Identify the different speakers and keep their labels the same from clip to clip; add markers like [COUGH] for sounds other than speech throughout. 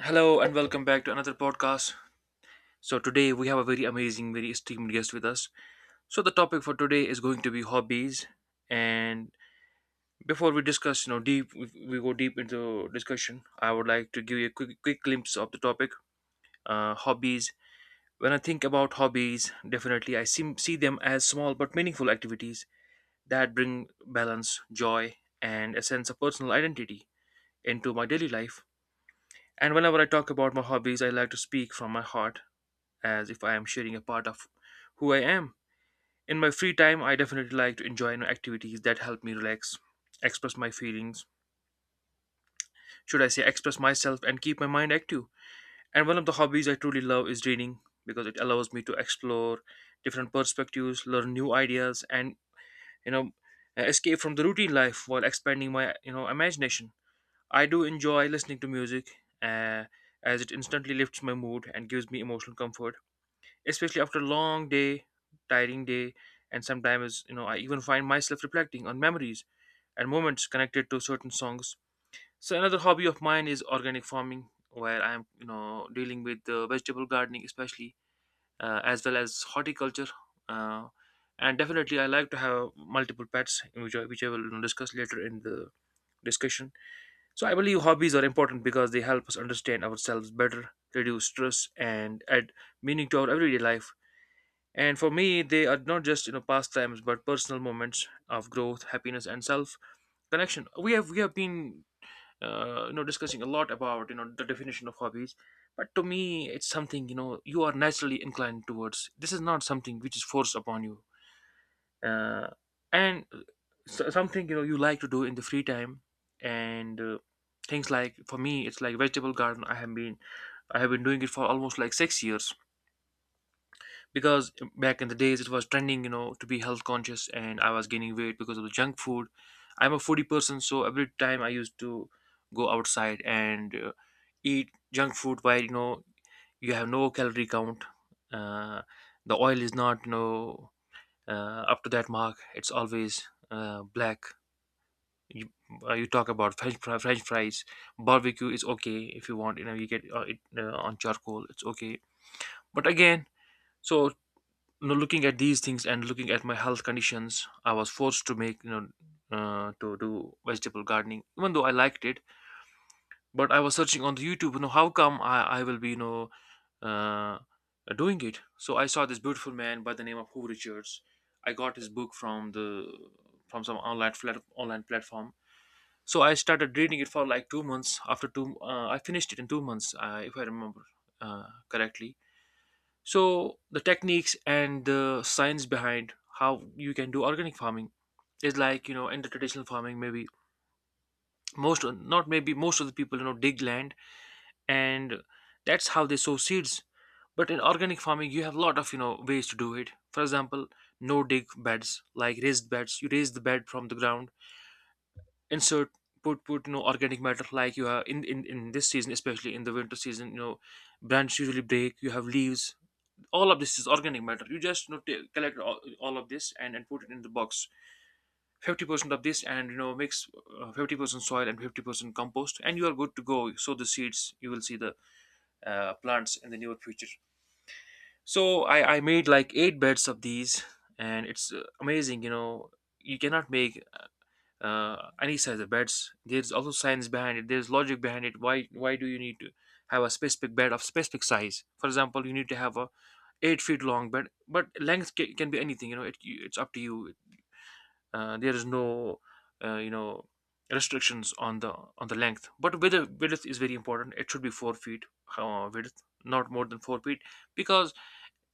Speaker 1: Hello and welcome back to another podcast. So today we have a very amazing, very esteemed guest with us. So the topic for today is going to be hobbies. And before we discuss, deep, we go deep into discussion. I would like to give you a quick, glimpse of the topic, hobbies. When I think about hobbies, definitely I see them as small but meaningful activities that bring balance, joy, and a sense of personal identity into my daily life. And whenever I talk about my hobbies, I like to speak from my heart as if I am sharing a part of who I am. In my free time, I definitely like to enjoy, activities that help me relax, express my feelings, should I say, express myself, and keep my mind active. And one of the hobbies I truly love is reading because it allows me to explore different perspectives, learn new ideas, and, you know, escape from the routine life while expanding my, you know, imagination. I do enjoy listening to music, uh, as it instantly lifts my mood and gives me emotional comfort, especially after a long day, tiring day, and sometimes, I even find myself reflecting on memories and moments connected to certain songs. So another hobby of mine is organic farming, where I'm, dealing with, vegetable gardening, especially, as well as horticulture. Uh, and definitely, I like to have multiple pets, which I will, discuss later in the discussion. So I believe hobbies are important because they help us understand ourselves better, reduce stress, and add meaning to our everyday life. And for me, they are not just, pastimes, but personal moments of growth, happiness, and self connection. We have been, discussing a lot about, the definition of hobbies, but to me, it's something, you are naturally inclined towards. This is not something which is forced upon you, uh, and so, something, you like to do in the free time, and, things like for me, it's like vegetable garden. I have been doing it for almost like 6 years, because back in the days it was trending, to be health conscious, and I was gaining weight because of the junk food. I'm a foodie person, so every time I used to go outside and, eat junk food, while, you have no calorie count, uh, the oil is not, up to that mark, it's always, black. You, uh, you talk about french fries. Barbecue is okay, if you want, you know, you get, it, on charcoal, it's okay, but again, so, looking at these things and looking at my health conditions, I was forced to make, to do vegetable gardening, even though I liked it. But I was searching on the YouTube, how come I will be, uh, doing it? So I saw this beautiful man by the name of Hugh Richards. I got his book from the, from some online online platform. So I started reading it for like 2 months. I finished it in 2 months, if I remember correctly. So the techniques and the science behind how you can do organic farming is like, in the traditional farming, maybe, most not maybe most of the people, dig land, and that's how they sow seeds. But in organic farming, you have a lot of, ways to do it. For example, no dig beds, like raised beds, you raise the bed from the ground, insert, put, organic matter, like you have in this season, especially in the winter season. Branches usually break, you have leaves, all of this is organic matter. You just, collect all of this and put it in the box. 50% of this, and, mix, 50% soil and 50% compost, and you are good to go, sow the seeds. You will see the, plants in the near future. So I made like eight beds of these, and it's, amazing, you cannot make, any size of beds. There's also science behind it, there's logic behind it. Why do you need to have a specific bed of specific size? For example, you need to have a 8 feet long, but length can be anything. You know, it's up to you. There is no, uh, you know restrictions on the length. But width is very important. It should be 4 feet, width, not more than 4 feet, because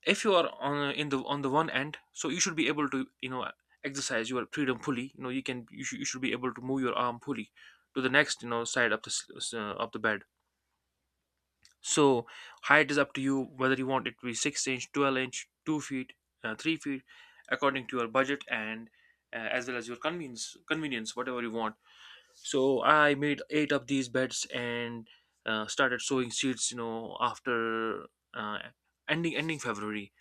Speaker 1: if you are on, in the on the one end, so you should be able to, exercise your freedom fully. You know, you can you should be able to move your arm fully to the next, side of the bed. So height is up to you, whether you want it to be 6 inch, 12 inch, 2 feet, 3 feet, according to your budget and, as well as your convenience, whatever you want. So I made eight of these beds and, started sowing seeds, after, uh, ending February.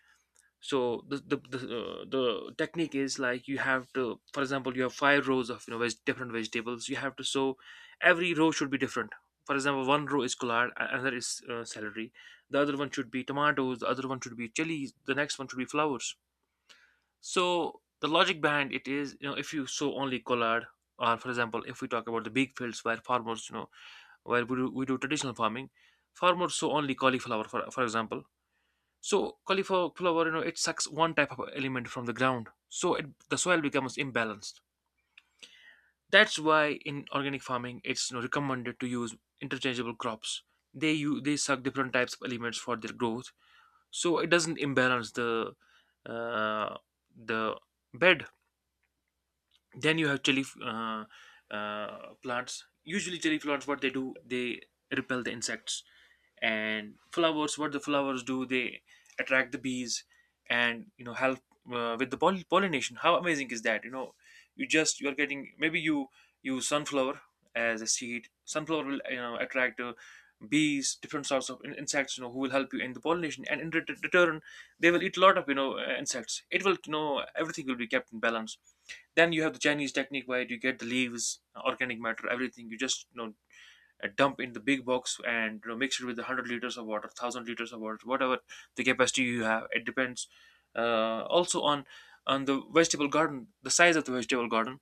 Speaker 1: So the technique is like, you have to, for example, you have five rows of, different vegetables you have to sow. Every row should be different. For example, one row is collard, another is, celery, the other one should be tomatoes, the other one should be chilies, the next one should be flowers. So the logic behind it is, if you sow only collard, or for example, if we talk about the big fields where farmers, where we do traditional farming, farmers sow only cauliflower for example. So cauliflower, it sucks one type of element from the ground, so, the soil becomes imbalanced. That's why in organic farming, it's, recommended to use interchangeable crops. They suck different types of elements for their growth, so it doesn't imbalance the, uh, the bed. Then you have chili, plants. Usually, chili plants, what they do, they repel the insects. And flowers, what the flowers do, they attract the bees, and, help, with the pollination. How amazing is that? You are getting, maybe you use sunflower as a seed. Sunflower will, attract, bees, different sorts of insects, who will help you in the pollination, and in return they will eat a lot of, insects. It will, everything will be kept in balance. Then you have the chinese technique, where you get the leaves, organic matter, everything. You just, dump in the big box and, mix it with the 100 liters of water, 1,000 liters of water, whatever the capacity you have. It depends, also on the vegetable garden, the size of the vegetable garden.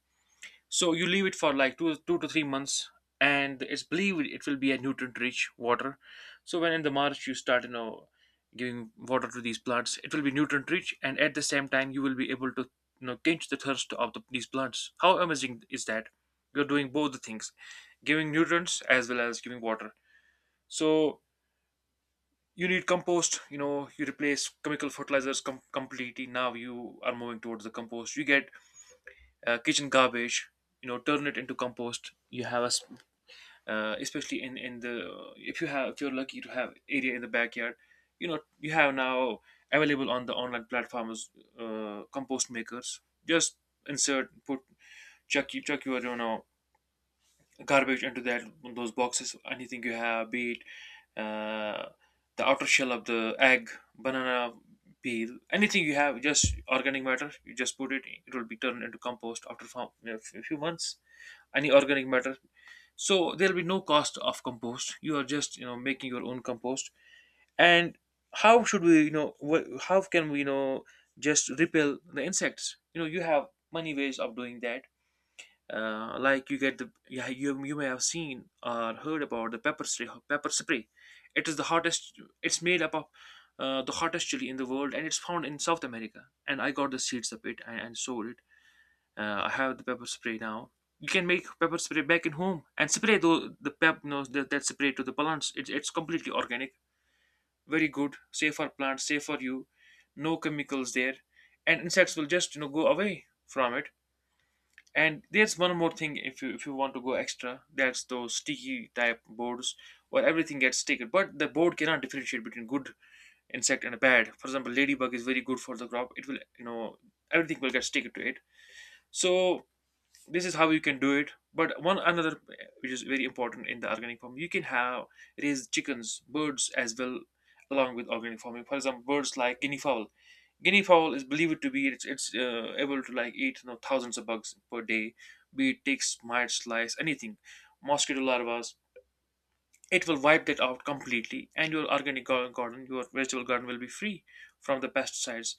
Speaker 1: So you leave it for like 2 to 3 months, and it's believed it will be a nutrient-rich water. So when in the March you start, giving water to these plants, it will be nutrient-rich, and at the same time you will be able to, quench the thirst of these plants. How amazing is that? You're doing both the things, giving nutrients as well as giving water. So you need compost. You know, you replace chemical fertilizers completely. Now you are moving towards the compost. You get kitchen garbage, turn it into compost. You have a especially in the if you have if you're lucky to have area in the backyard. You have now available on the online platforms, compost makers. Just insert, put, chuck your, garbage into that those boxes, anything you have, be it uh, the outer shell of the egg, banana peel, anything you have, just organic matter. You just put it, it will be turned into compost after a few months. Any organic matter. So there'll be no cost of compost, you are just, making your own compost. And how should we, how can we, just repel the insects? You have many ways of doing that. Like, you get the, yeah, you may have seen or heard about the pepper spray. Pepper spray, it is the hottest. It's made up of the hottest chili in the world, and it's found in South America, and I got the seeds of it, and sold it. I have the pepper spray now. You can make pepper spray back in home and spray the pep you know, that, that spray to the plants. It's completely organic. Very good, safe for plants, safe for you. No chemicals there. And insects will just, go away from it. And there's one more thing. If you, want to go extra, that's those sticky type boards where everything gets sticky. But the board cannot differentiate between good insect and a bad. For example, ladybug is very good for the crop. It will, everything will get sticky to it. So this is how you can do it, but one another, which is very important in the organic farm, you can have raise chickens, birds as well, along with organic farming. For example, birds like guinea fowl. Guinea fowl is believed to be, it's able to, like, eat, thousands of bugs per day. Be it ticks, mites, flies, anything, mosquito larvas. It will wipe that out completely, and your organic garden, your vegetable garden will be free from the pesticides.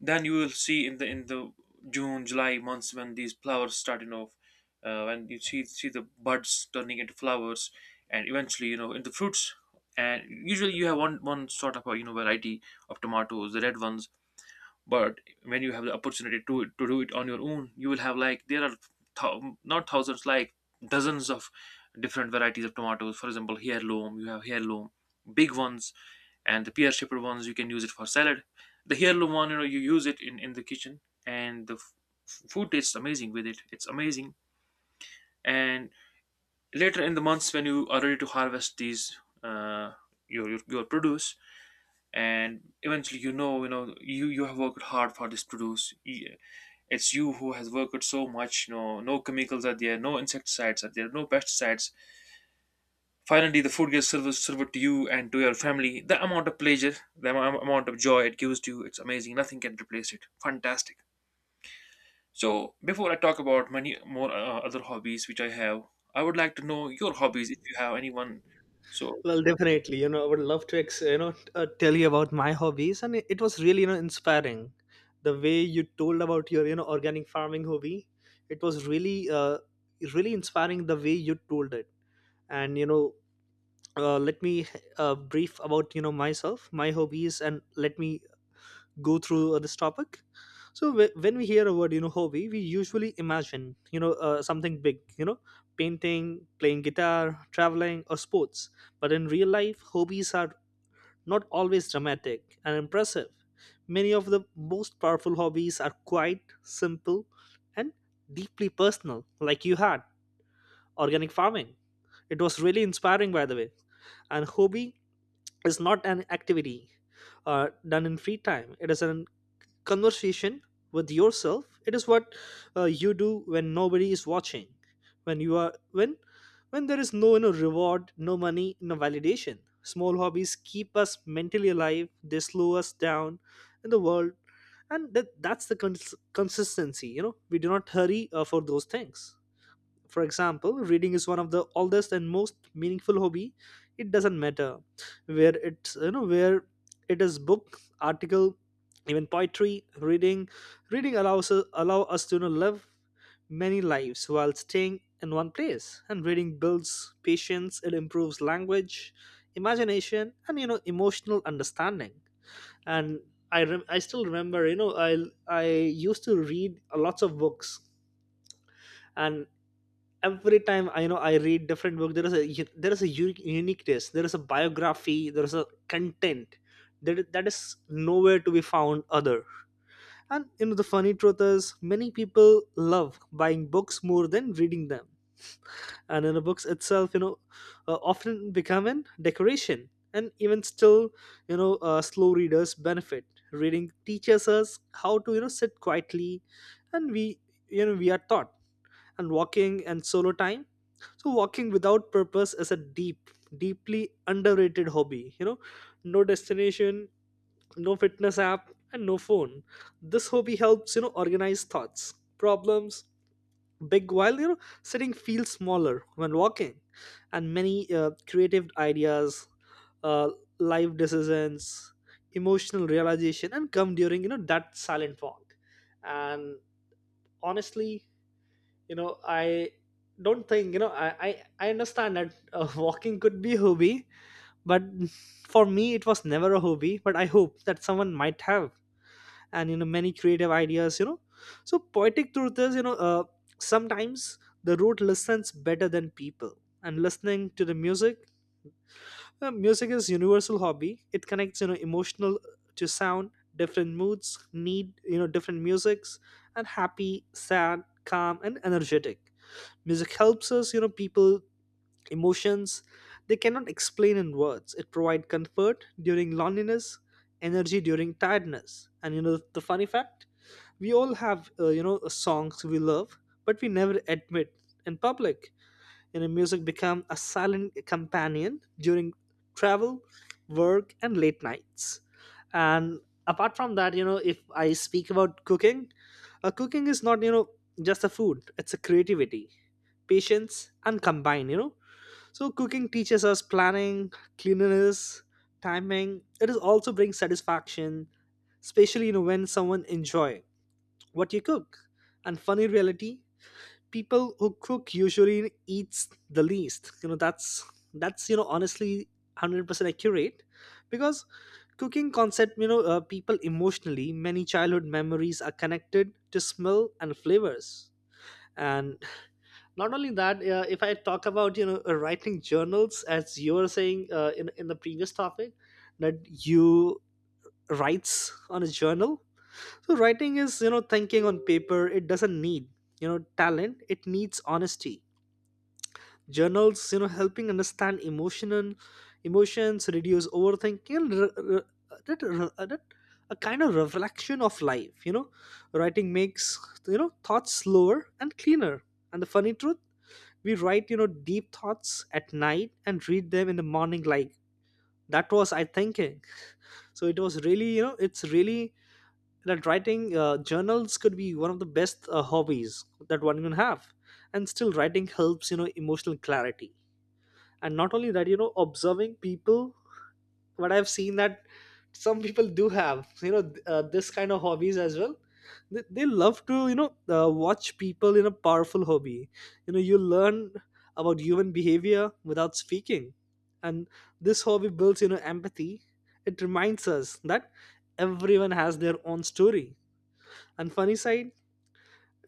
Speaker 1: Then you will see in the June, July months when these flowers starting off. When you see the buds turning into flowers, and eventually, into fruits. And usually you have one sort of a, variety of tomatoes, the red ones. But when you have the opportunity to do it on your own, you will have like there are, not thousands, like dozens of different varieties of tomatoes. For example, heirloom, you have heirloom, big ones, and the pear shaped ones, you can use it for salad. The heirloom one, you use it in the kitchen. And the food tastes amazing with it, it's amazing. And later in the months when you are ready to harvest these, uh, your produce. And eventually, you you have worked hard for this produce. It's you who has worked so much. No, no chemicals are there. No insecticides are there. No pesticides. Finally, the food gets served, served to you and to your family. The amount of pleasure, the amount of joy it gives to you, it's amazing. Nothing can replace it. Fantastic. So, before I talk about many more other hobbies which I have, I would like to know your hobbies if you have anyone. So,
Speaker 2: Well, definitely. I would love to, tell you about my hobbies, and it was really, inspiring. The way you told about your, organic farming hobby, it was really, really inspiring. The way you told it, and let me brief about, myself, my hobbies, and let me go through this topic. When we hear a word, hobby, we usually imagine, something big: painting, playing guitar, traveling, or sports. But in real life, hobbies are not always dramatic and impressive. Many of the most powerful hobbies are quite simple and deeply personal, like you had organic farming. It was really inspiring, by the way. And hobby is not an activity done in free time. It is an conversation with yourself. It is what you do when nobody is watching, when you are, when when there is no reward, no money, no validation. Small hobbies keep us mentally alive. They slow us down in the world, and that's the consistency. We do not hurry for those things. For example, reading is one of the oldest and most meaningful hobby. It doesn't matter where it's you know where it is, book, article, even poetry. Reading allow us to live many lives while staying in one place. And reading builds patience. It improves language, imagination, and emotional understanding. And I still remember, you know, I used to read lots of books, and every time I know I read different book, there is a uniqueness, there is a biography, there is a content that, that is nowhere to be found other. And you know, the funny truth is, many people love buying books more than reading them. And in the books itself, often become an decoration. And even still, slow readers benefit. Reading teaches us how to, you know, sit quietly, and we, you know, we are taught. And walking and solo time, so walking without purpose is a deep, deeply underrated hobby. You know, no destination, no fitness app, and no phone. This hobby helps, you know, organize thoughts, problems, big, while, you know, sitting feels smaller when walking. And many creative ideas, uh, life decisions, emotional realization, and come during, you know, that silent walk. And honestly, you know I don't think, you know, I understand that [LAUGHS] walking could be a hobby, but for me it was never a hobby. But I hope that someone might have. And you know, many creative ideas, you know, so poetic truth is, sometimes the road listens better than people. And listening to the music, music is universal hobby. It connects, you know, emotional to sound. Different moods need, you know, different musics, and happy, sad, calm, and energetic. Music helps us, you know, people, emotions they cannot explain in words. It provides comfort during loneliness, energy during tiredness. And you know, the funny fact, we all have, you know, songs we love, but we never admit in public. You know, music become a silent companion during travel, work, and late nights. And apart from that, you know, if I speak about cooking, cooking is not, you know, just a food; it's a creativity, patience and combine, you know. So cooking teaches us planning, cleanliness, timing. It is also brings satisfaction, especially, you know, when someone enjoy what you cook. And funny reality, people who cook usually eats the least, you know. That's you know, honestly, 100% accurate, because cooking concept, people emotionally, many childhood memories are connected to smell and flavors. And not only that, if I talk about, writing journals, as you were saying, in the previous topic, that you writes on a journal. So writing is, you know, thinking on paper. It doesn't need, you know, talent. It needs honesty. Journals, you know, helping understand emotion, and emotions reduce overthinking and that a kind of reflection of life, you know. Writing makes, you know, thoughts slower and cleaner. And the funny truth, we write, you know, deep thoughts at night and read them in the morning, like that was I thinking. So it was really, you know, it's really that writing, journals could be one of the best hobbies that one can have. And still writing helps, you know, emotional clarity. And not only that, you know, observing people. But I've seen that some people do have, you know, this kind of hobbies as well. They love to, watch people in a powerful hobby. You know, you learn about human behavior without speaking. And this hobby builds, you know, empathy. It reminds us that everyone has their own story. And funny side,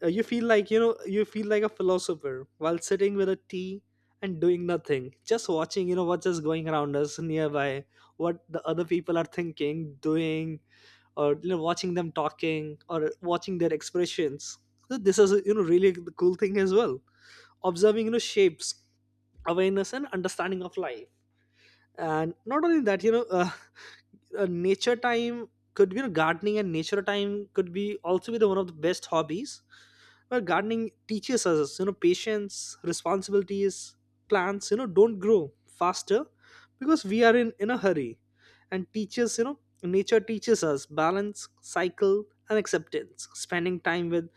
Speaker 2: you feel like, you know, you feel like a philosopher while sitting with a tea and doing nothing, just watching, you know, what's just going around us nearby, what the other people are thinking, doing, or, you know, watching them talking, or watching their expressions. So this is, you know, really the cool thing as well. Observing, you know, shapes awareness and understanding of life. And not only that, nature time could be gardening, and nature time could be also be the one of the best hobbies, where gardening teaches us, you know, patience, responsibilities. Plants, you know, don't grow faster because we are in a hurry. And teaches, you know, nature teaches us balance, cycle, and acceptance. Spending time with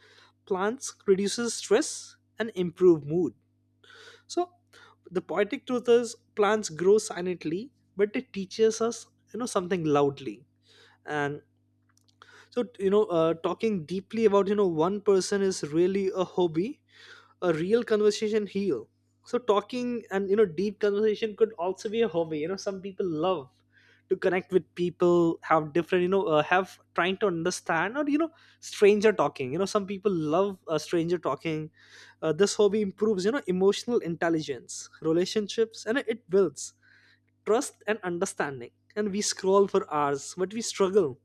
Speaker 2: plants reduces stress and improve mood. So the poetic truth is, plants grow silently, but it teaches us, you know, something loudly. And so, talking deeply about, you know, one person is really a hobby. A real conversation heal. So talking and, you know, deep conversation could also be a hobby. You know, some people love to connect with people, have different, have trying to understand, or, you know, stranger talking. You know, some people love, stranger talking. This hobby improves, you know, emotional intelligence, relationships, and it builds trust and understanding. And we scroll for hours, but we struggle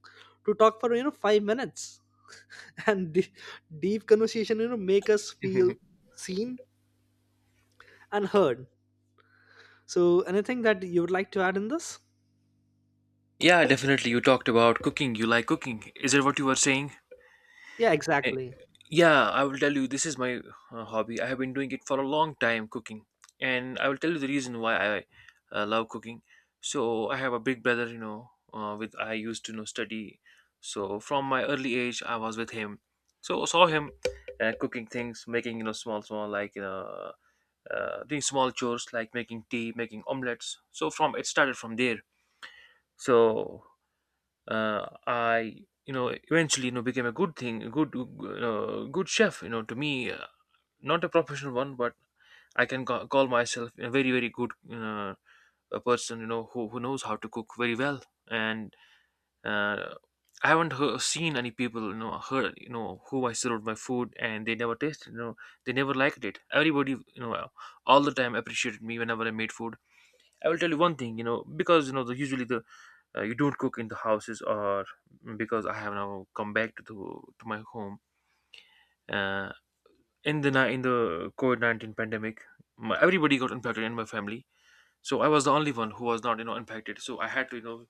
Speaker 2: to talk for, you know, 5 minutes. [LAUGHS] And deep conversation, you know, make us feel
Speaker 1: [LAUGHS]
Speaker 2: seen and heard. So anything that you would like to add in this?
Speaker 1: yeah, definitely. You talked about cooking. You like cooking. Is it what you were saying?
Speaker 2: Yeah, exactly.
Speaker 1: Yeah, I will tell you, this is my hobby. I have been doing it for a long time, cooking. And I will tell you the reason why I, love cooking. So, I have a big brother, you know, with I used to, study. So, from my early age, I was with him. So, I saw him, cooking things, making, you know, small, small, like, doing small chores like making tea, making omelets. So, from it started from there. So, I, eventually, became a good thing, a good, good chef, to me, not a professional one, but I can call myself a very, very good, a person, who knows how to cook very well. And uh, I haven't seen any people, heard, who I served my food and they never tasted, they never liked it. Everybody, all the time appreciated me whenever I made food. I will tell you one thing, because, usually the, you don't cook in the houses, or because I have now come back to the, to my home, uh, in the COVID 19 pandemic. My, everybody got impacted in my family. So I was the only one who was not, impacted. So I had to,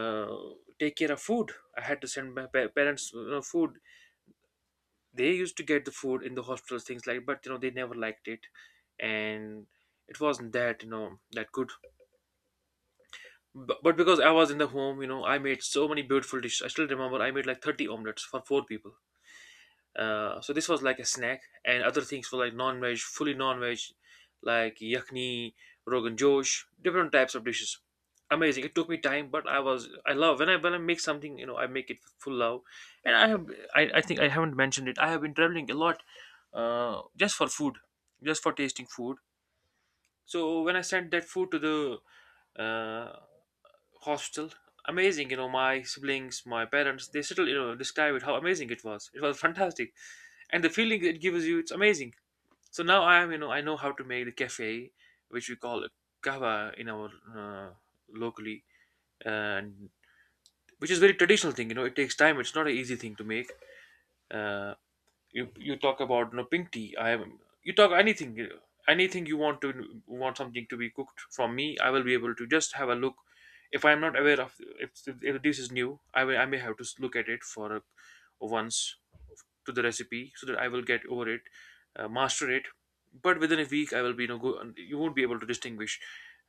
Speaker 1: uh, take care of food. I had to send my parents, food. They used to get the food in the hospitals, things like. But, they never liked it, and it wasn't that, that good. But because I was in the home, I made so many beautiful dishes. I still remember I made like 30 omelets for four people. So this was like a snack, and other things were like non-veg, fully non-veg, like yakni, rogan josh, different types of dishes. Amazing. It took me time, but I love when I make something, I make it with full love. And I think I haven't mentioned it. I have been traveling a lot, just for food, just for tasting food. So when I sent that food to the, hostel. Amazing, my siblings, my parents, they still, describe it how amazing it was. It was [LAUGHS] fantastic. And the feeling it gives you, it's amazing. So now I am, I know how to make the cafe, which we call a kava in our, uh, locally, and which is very traditional thing. It takes time. It's not an easy thing to make. Uh, you talk about, no, pink tea I have, you talk anything, anything you want something to be cooked from me, I will be able to just have a look. If I'm not aware of, if this is new, I may have to look at it for a, once to the recipe, so that I will get over it, master it. But within a week I will be, go, you won't be able to distinguish,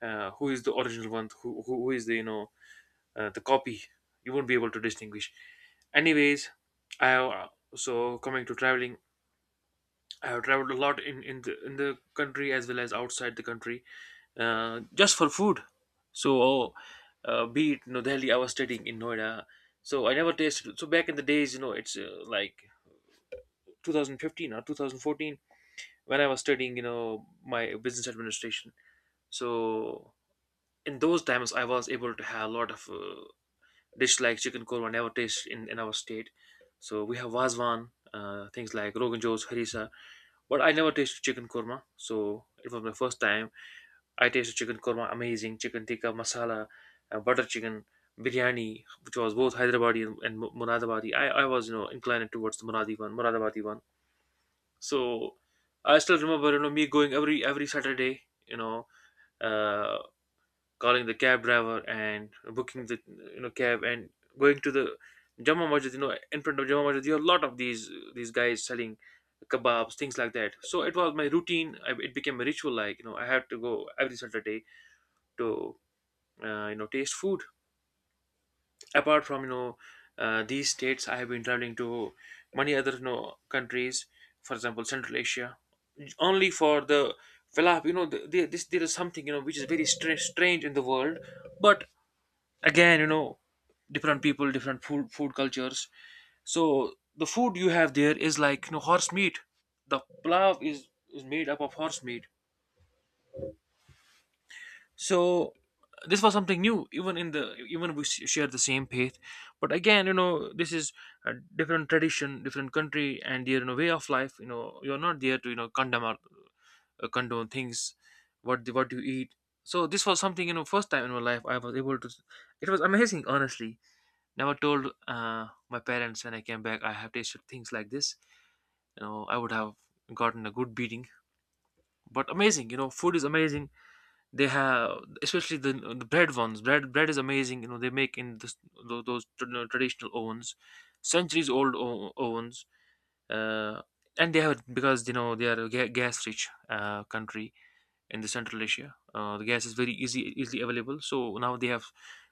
Speaker 1: who is the original one, who is the, the copy. You won't be able to distinguish. Anyways, I so coming to traveling. I have traveled a lot in the country as well as outside the country, just for food. So, be it, Delhi, I was studying in Noida, so I never tasted. So back in the days, it's, like 2015 or 2014 when I was studying, my business administration. So in those times, I was able to have a lot of, dish like chicken korma, never tasted in our state. So we have wazwan, things like rogan josh, harissa. But I never tasted chicken korma, so it was my first time. I tasted chicken korma, amazing chicken tikka masala, butter chicken biryani, which was both Hyderabadi and Muradabadi. I was, inclined towards the Muradi one, Muradabadi one. So I still remember, me going every Saturday, uh, calling the cab driver and booking the, cab, and going to the Jama Masjid. In front of Jama Masjid, there are a lot of these guys selling kebabs, things like that. So it was my routine. It became a ritual. Like, I had to go every Saturday to, taste food. Apart from, these states, I have been traveling to many other, countries. For example, Central Asia, only for the falafel. This, there is something, which is very strange in the world, but again, different people, different food cultures. So the food you have there is like, horse meat. The plow is made up of horse meat. So this was something new, even in the, even we share the same faith. But again, this is a different tradition, different country and their, way of life. You're not there to, condemn or, condone things, what you eat. So this was something, first time in my life I was able to. It was amazing, honestly. Never told, my parents when I came back I have tasted things like this. I would have gotten a good beating. But amazing, food is amazing. They have, especially the bread ones. Bread, bread is amazing. They make in this, those, traditional ovens, centuries old ovens. Uh, and they have, because, they are a gas rich, country in the Central Asia. The gas is very easy easily available, so now they have,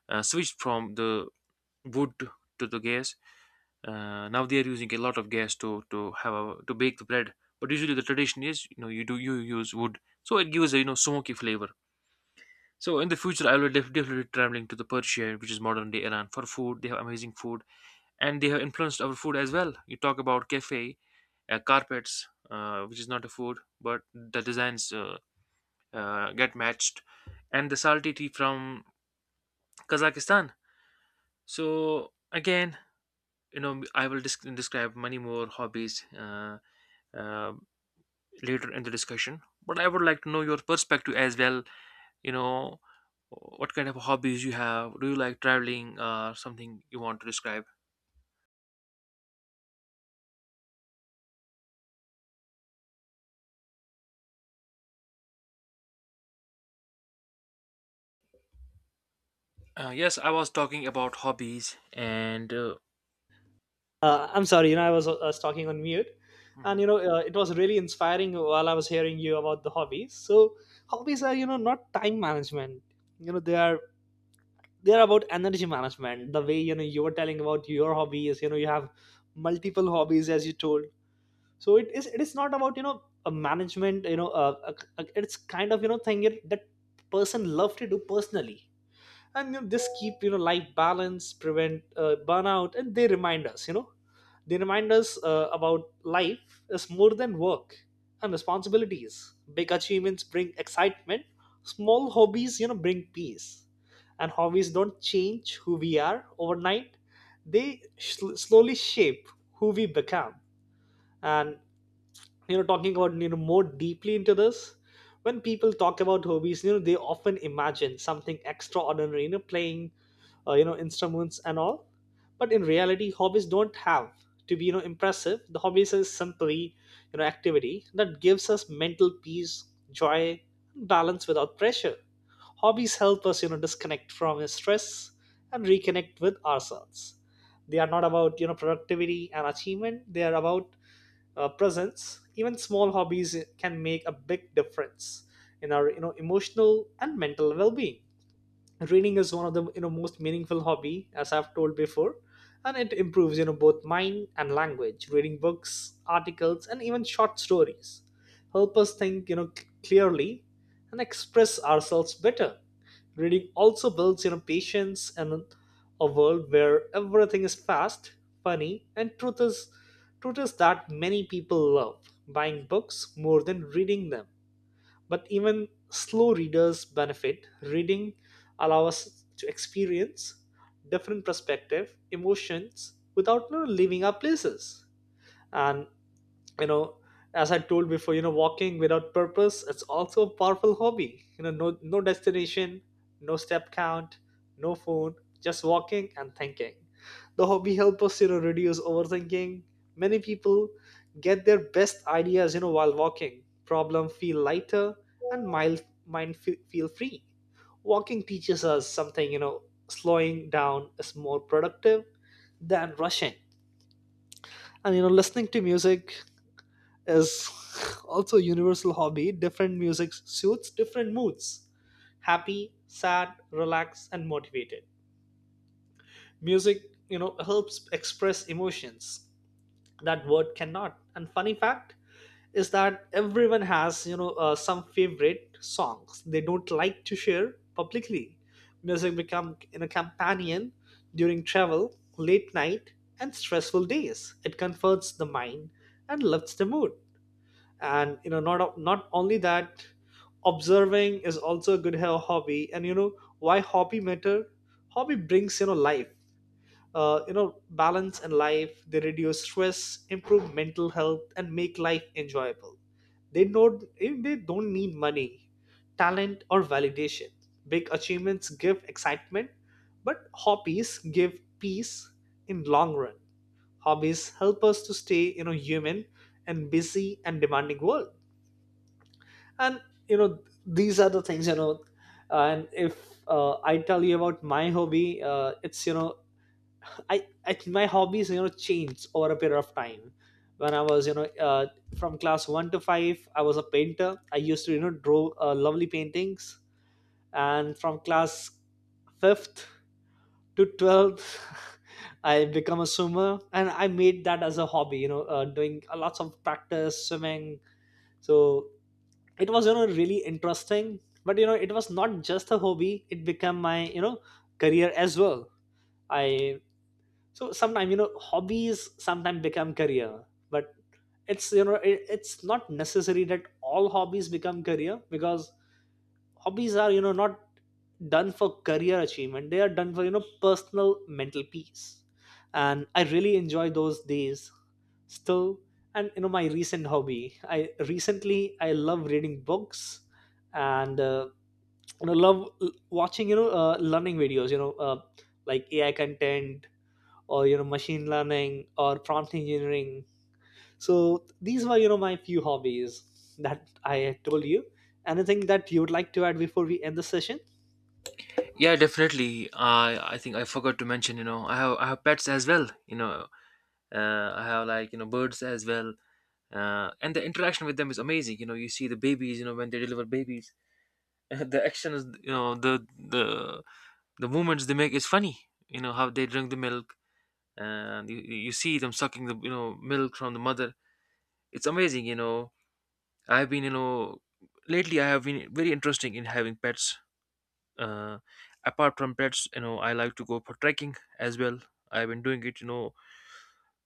Speaker 1: switched from the wood to the gas. Now they are using a lot of gas to have a, to bake the bread. But usually the tradition is, you use wood, so it gives a, smoky flavor. So in the future, I will definitely traveling to the Persia, which is modern day Iran, for food. They have amazing food, and they have influenced our food as well. You talk about cafe, carpets, which is not a food, but the designs, get matched, and the salty tea from Kazakhstan. So again, I will describe many more hobbies. Uh, later in the discussion. But I would like to know your perspective as well. You know, what kind of hobbies you have? Do you like traveling? Something you want to describe? Yes, I was talking about hobbies, and,
Speaker 2: I'm sorry, you know, I was, was talking on mute. And
Speaker 1: mhm.
Speaker 2: you know, it was really inspiring while I was hearing you about the hobbies. So hobbies are, you know, not time management. You know, they are, they're about energy management. The way, you know, you were telling about your hobbies, you know, you have multiple hobbies, as you told. So it is not about, you know, a management, you know, it's kind of, you know, thing it, that person love to do personally. And you know, this keep, you know, life balance, prevent burnout, and they remind us, you know, they remind us about life is more than work and responsibilities. Big achievements bring excitement, small hobbies, you know, bring peace. And hobbies don't change who we are overnight, they slowly shape who we become. And you know, talking about, you know, more deeply into this, when people talk about hobbies, you know, they often imagine something extraordinary, you know, playing, instruments and all. But in reality, hobbies don't have to be, you know, impressive. The hobbies is simply, you know, activity that gives us mental peace, joy, and balance without pressure. Hobbies help us, you know, disconnect from stress and reconnect with ourselves. They are not about, you know, productivity and achievement, they are about, presence. Even small hobbies can make a big difference in our, you know, emotional and mental well-being. Reading is one of the, you know, most meaningful hobby, as I've told before. And it improves, you know, both mind and language. Reading books, articles, and even short stories help us think, you know, clearly, and express ourselves better. Reading also builds, you know, patience in a world where everything is fast. Funny and truth is that many people love buying books more than reading them, but even slow readers benefit. Reading allows us to experience different perspective, emotions without, you know, leaving our places. And you know, as I told before, you know, walking without purpose, it's also a powerful hobby. You know, no destination, no step count, no phone, just walking and thinking. The hobby helps us, you know, reduce overthinking. Many people get their best ideas, you know, while walking. Problem feel lighter and mild mind feel free. Walking teaches us something, you know, slowing down is more productive than rushing. And you know, listening to music is also a universal hobby. Different music suits different moods, happy, sad, relaxed, and motivated. Music, you know, helps express emotions that word cannot. And funny fact is that everyone has, some favorite songs they don't like to share publicly. Music become in a companion during travel, late night, and stressful days. It comforts the mind and lifts the mood. And you know, not only that, observing is also a good hobby. And you know, why hobby matter? Hobby brings, you know, life, you know, balance in life. They reduce stress, improve mental health, and make life enjoyable. They don't need money, talent, or validation. Big achievements give excitement, but hobbies give peace in long run. Hobbies help us to stay, you know, human and busy and demanding world. And you know, these are the things, you know. And if I tell you about my hobby, it's you know, I my hobbies, you know, changed over a period of time. When I was, from class 1 to 5 I was a painter. I used to, you know, draw lovely paintings. And from class 5th to 12th [LAUGHS] I become a swimmer, and I made that as a hobby, you know, doing, lots of practice swimming. So it was, you know, really interesting. But you know, it was not just a hobby, it became my, you know, career as well. I so sometimes, you know, hobbies sometimes become career. But it's, you know, it's not necessary that all hobbies become career, because hobbies are, you know, not done for career achievement. They are done for, you know, personal mental peace. And I really enjoy those days still. And you know, my recent hobby, I love reading books, and you know, love watching, learning videos, like AI content, or, you know, machine learning or prompt engineering. So these were, you know, my few hobbies that I had told you. Anything that you would like to add before we end the session?
Speaker 1: Yeah, definitely. I think I forgot to mention. I have pets as well. I have like, birds as well. And the interaction with them is amazing. You see the babies. When they deliver babies, [LAUGHS] the actions. The movements they make is funny. How they drink the milk, and you see them sucking the, milk from the mother. It's amazing. I've been, lately I have been very interesting in having pets. uh, apart from pets, I like to go for trekking as well. I've been doing it, you know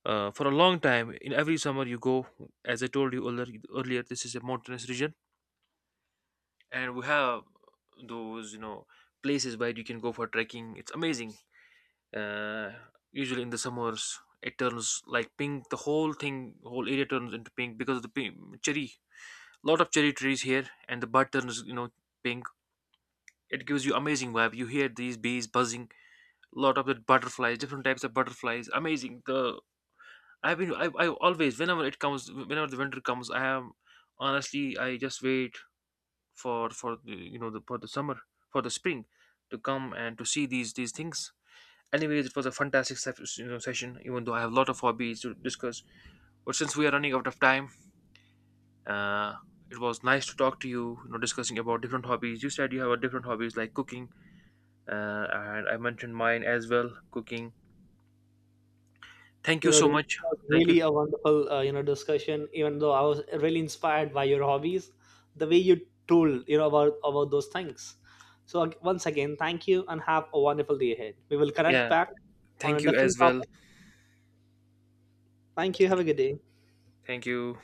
Speaker 1: uh, for a long time, in every summer you go. As I told you earlier, this is a mountainous region, and we have those, places where you can go for trekking, it's amazing. uh, usually in the summers it turns like pink, the whole thing, whole area turns into pink because of the pink, cherry. Lot of cherry trees here, and the bud turns, pink. It gives you amazing vibe, you hear these bees buzzing, lot of the butterflies, different types of butterflies, amazing, the. I always, whenever it comes, whenever the winter comes, I am, honestly, I just wait for the, you know the, for the summer, for the spring to come and to see these things. Anyways, it was a fantastic, session, even though I have a lot of hobbies to discuss. But since we are running out of time, uh, it was nice to talk to you, discussing about different hobbies. You said you have a different hobbies like cooking, and I mentioned mine as well, cooking. Thank
Speaker 2: You
Speaker 1: you
Speaker 2: know,
Speaker 1: so
Speaker 2: it
Speaker 1: much.
Speaker 2: was
Speaker 1: Thank you.
Speaker 2: really a wonderful, you know, discussion, even though I was really inspired by your hobbies, the way you told, you know, about those things. So once again, thank you, and have a wonderful day ahead. We will connect
Speaker 1: Yeah,
Speaker 2: back on a
Speaker 1: thank you as
Speaker 2: different
Speaker 1: well.
Speaker 2: topic. Thank you. Have
Speaker 1: Thank
Speaker 2: a
Speaker 1: you.
Speaker 2: good day.
Speaker 1: Thank you.